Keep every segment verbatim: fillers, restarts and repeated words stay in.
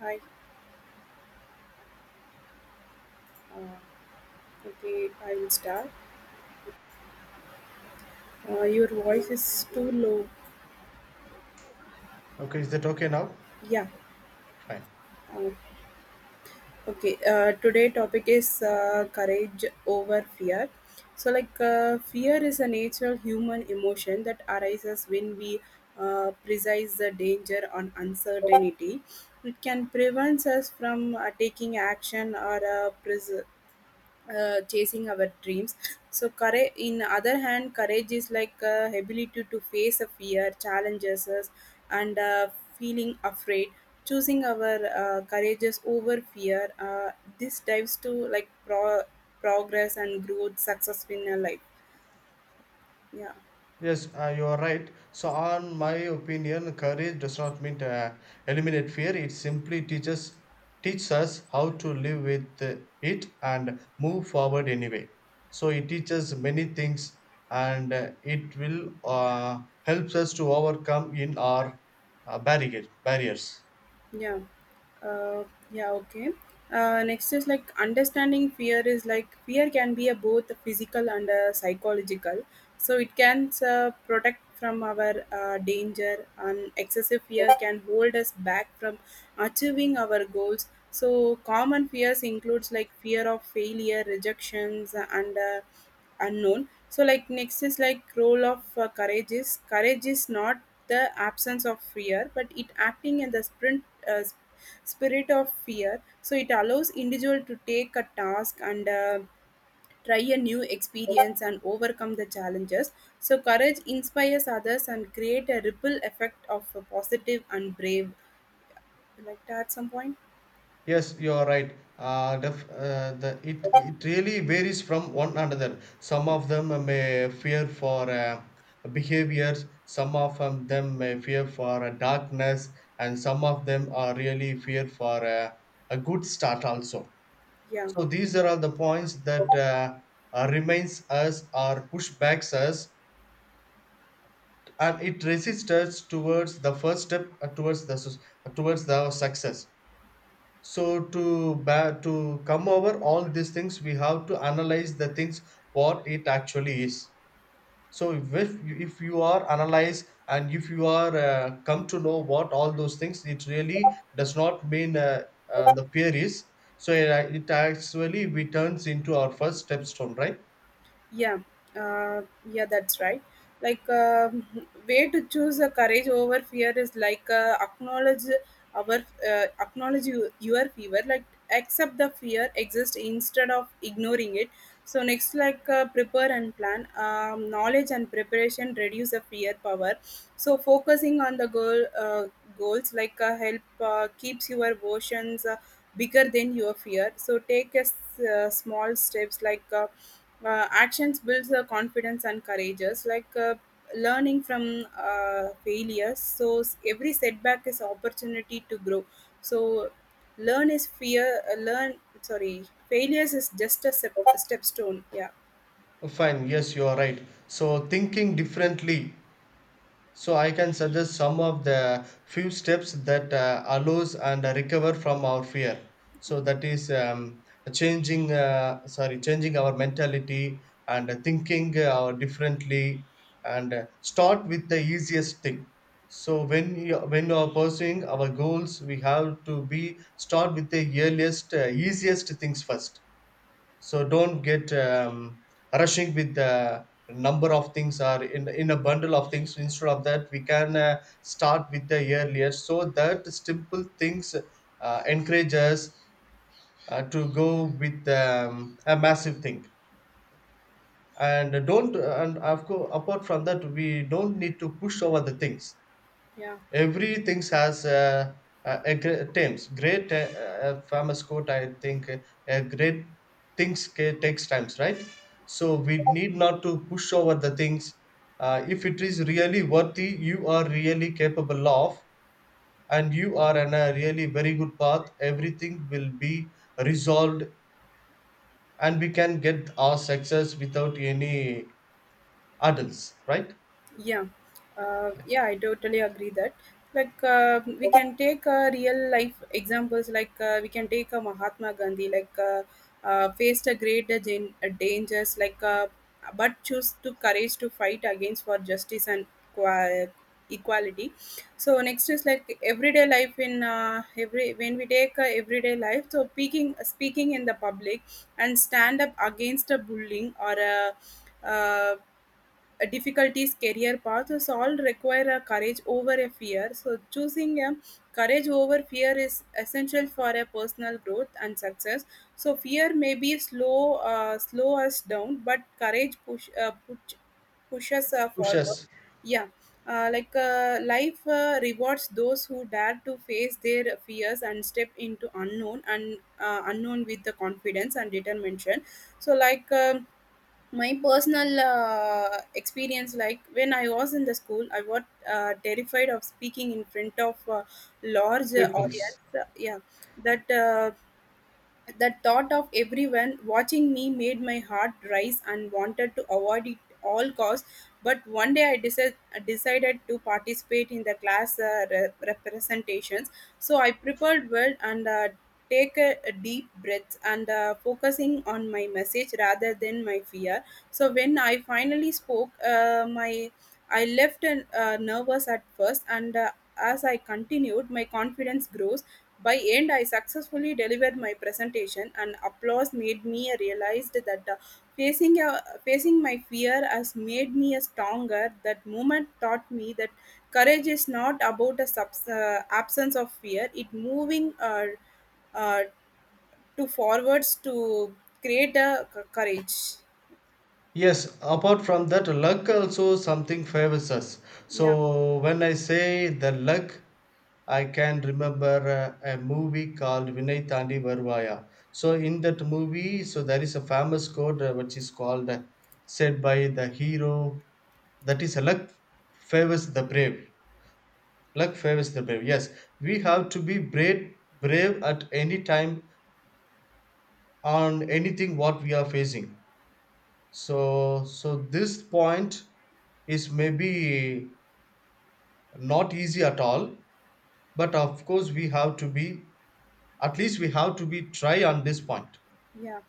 Hi. Uh, okay, I will start. Uh, your voice is too low. Okay, is that okay now? Yeah. Fine. Uh, okay. Uh, today topic is uh, courage over fear. So, like, uh, fear is a natural human emotion that arises when we uh, precise the danger on uncertainty. It can prevent us from uh, taking action or uh, pres- uh, chasing our dreams. So courage in other hand, courage is like uh, ability to face a fear challenges us, and uh, feeling afraid, choosing our uh, courageous over fear. Uh, this dives to like pro- progress and growth success in our life. Yeah. Yes, uh, you are right. So, on my opinion, courage does not mean to uh, eliminate fear. It simply teaches teaches us how to live with uh, it and move forward anyway. So, it teaches many things, and uh, it will uh, helps us to overcome in our uh, barricade barriers. Yeah. uh, yeah, okay. Uh, next is like understanding fear is like fear can be a both a physical and a psychological. So it can uh, protect from our uh, danger, and excessive fear can hold us back from achieving our goals. So common fears includes like fear of failure, rejections, and uh, unknown. So like next is like role of uh, courage is courage is not the absence of fear, but it acting in the sprint, uh, sp- spirit of fear. So it allows individual to take a task, and uh, try a new experience and overcome the challenges. So courage inspires others and create a ripple effect of a positive and brave. Would you like that some point? Yes, you are right. Uh, def, uh, the it it really varies from one another. Some of them may fear for uh, behaviors. Some of um, them may fear for uh, darkness, and some of them are really fear for uh, a good start also. Yeah. So these are all the points that uh, uh, remains us or pushbacks us, and it resists us towards the first step uh, towards the sus- towards the success. So to ba- to come over all these things, we have to analyze the things what it actually is. So if if you are analyze and if you are uh, come to know what all those things, it really does not mean uh, uh, the fear is. So it, uh, it actually we turns into our first step stone, right? Yeah, uh, yeah, that's right. Like, um way to choose a courage over fear is like uh, acknowledge our uh, acknowledge you, your fear, like accept the fear exists instead of ignoring it. So next, like, uh, prepare and plan. Um, knowledge and preparation reduce the fear power. So focusing on the goal uh, goals like uh, help uh, keeps your emotions uh, bigger than your fear. So take a s- uh, small steps like. Uh, uh, actions builds the confidence and courageous like uh, learning from uh, failures. So s- every setback is opportunity to grow. So learn is fear uh, learn, sorry, failures is just a step, a step stone. Yeah. Fine. Yes, you are right. So thinking differently, so I can suggest some of the few steps that uh, allows and recover from our fear. So that is um, changing uh, sorry changing our mentality and thinking uh, differently, and uh, start with the easiest thing. So when you, when you are pursuing our goals, we have to be start with the earliest uh, easiest things first. So don't get um, rushing with the number of things or in, in a bundle of things. Instead of that, we can uh, start with the earlier, so that simple things uh, encourage us uh, to go with um, a massive thing. And don't, and of course apart from that, we don't need to push over the things. Yeah. Everything has uh, uh, a great times great uh, uh, famous quote, I think. Uh, uh, great things ca- takes times, right? So we need not to push over the things. Uh, if it is really worthy, you are really capable of, and you are on a really very good path, everything will be resolved, and we can get our success without any hurdles, right? Yeah, uh, yeah, I totally agree that. Like, uh, we can take uh, real life examples. Like, uh, we can take uh, Mahatma Gandhi. Like, uh, uh, faced a great uh, gen- uh, dangers. Like, uh, but choose to courage to fight against for justice and qua- equality. So next is like everyday life in uh, every when we take uh, everyday life. So speaking speaking in the public and stand up against a bullying or a uh, uh, difficulties, career paths, so all require a courage over a fear. So, choosing a courage over fear is essential for a personal growth and success. So, fear may be slow, uh, slow us down, but courage push, uh, push pushes uh, forward. Pushes. Yeah. Uh, like, uh, life uh, rewards those who dare to face their fears and step into unknown and uh, unknown with the confidence and determination. So like, um my personal uh, experience, like when I was in the school I was uh, terrified of speaking in front of a large uh, Peoples. audience. Uh, yeah, that uh, the thought of everyone watching me made my heart rise and wanted to avoid it all costs. But one day I decided decided to participate in the class uh, re- representations. So I prepared well, and uh, take a, a deep breath, and uh, focusing on my message rather than my fear. So when I finally spoke, uh, my I left uh, nervous at first. And. Uh, as I continued, my confidence grows. By end, I successfully delivered my presentation, and applause made me realize that uh, facing a facing my fear has made me a stronger. That moment taught me that courage is not about a subs- uh, absence of fear; it moving uh, uh, to forwards to create a c- courage. Yes, apart from that, luck also something favors us. Yeah. So when I say the luck, I can remember uh, a movie called Vinay Thandi Varvaya. So in that movie, so there is a famous quote uh, which is called uh, said by the hero, that is luck favors the brave. Luck favors the brave. Yes, we have to be brave, brave at any time on anything what we are facing. So, so this point is maybe not easy at all, but of course we have to be, at least we have to be try on this point. Yeah.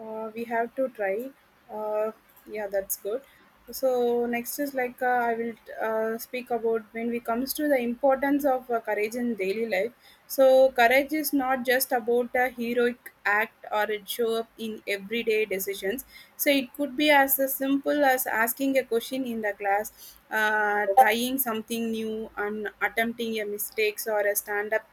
uh, We have to try. uh, yeah, that's good. So next is like, uh, I will uh, speak about when we comes to the importance of uh, courage in daily life. So courage is not just about a heroic act or it show up in everyday decisions. So it could be as a simple as asking a question in the class, uh, trying something new and attempting a mistakes or a stand up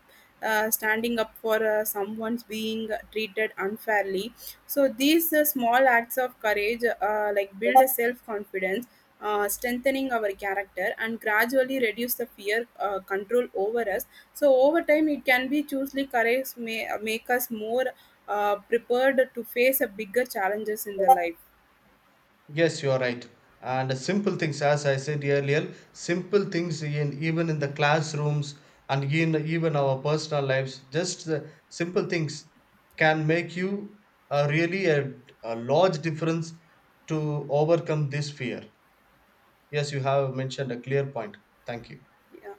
uh, standing up for uh, someone's being treated unfairly. So these uh, small acts of courage, uh, like build a self confidence, uh, strengthening our character, and gradually reduce the fear uh, control over us. So over time, it can be choosely courage may uh, make us more uh, prepared to face a bigger challenges in the life. Yes, you are right. And simple things, as I said earlier, simple things in even in the classrooms and in even our personal lives, just the simple things can make you a really a, a large difference to overcome this fear. Yes, you have mentioned a clear point. Thank you. Yeah.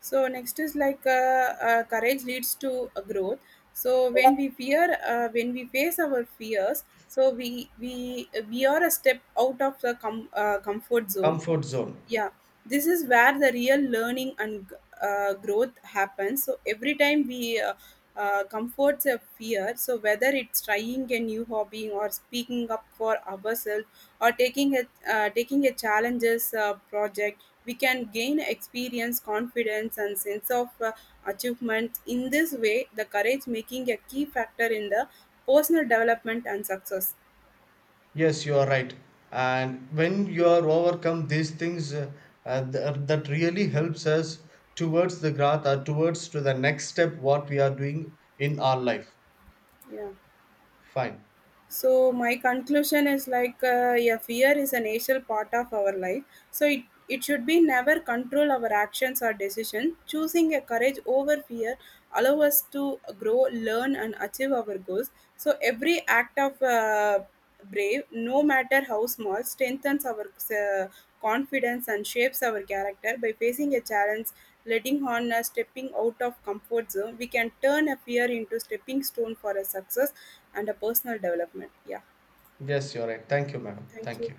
So next is like, uh, uh, courage leads to a growth. So when we fear, uh, when we face our fears, so we we we are a step out of the com- uh, comfort zone. Comfort zone. Yeah. This is where the real learning and uh, growth happens. So every time we uh, uh, comforts a fear, so whether it's trying a new hobby or speaking up for ourselves or taking a uh, taking a challenges uh, project, we can gain experience, confidence and sense of uh, achievement. In this way the courage making a key factor in the personal development and success. Yes, you are right. And when you are overcome these things, uh, uh, th- uh, that really helps us towards the growth or towards to the next step what we are doing in our life. Yeah. Fine. So my conclusion is like, uh, yeah, fear is a natural part of our life. So it, it should be never control our actions or decision. Choosing a courage over fear allow us to grow, learn and achieve our goals. So every act of uh, brave, no matter how small, strengthens our uh, confidence and shapes our character. By facing a challenge, letting on a stepping out of comfort zone, we can turn a fear into stepping stone for a success and a personal development. Yeah, Yes, you're right. Thank you, madam. thank Thank you. you.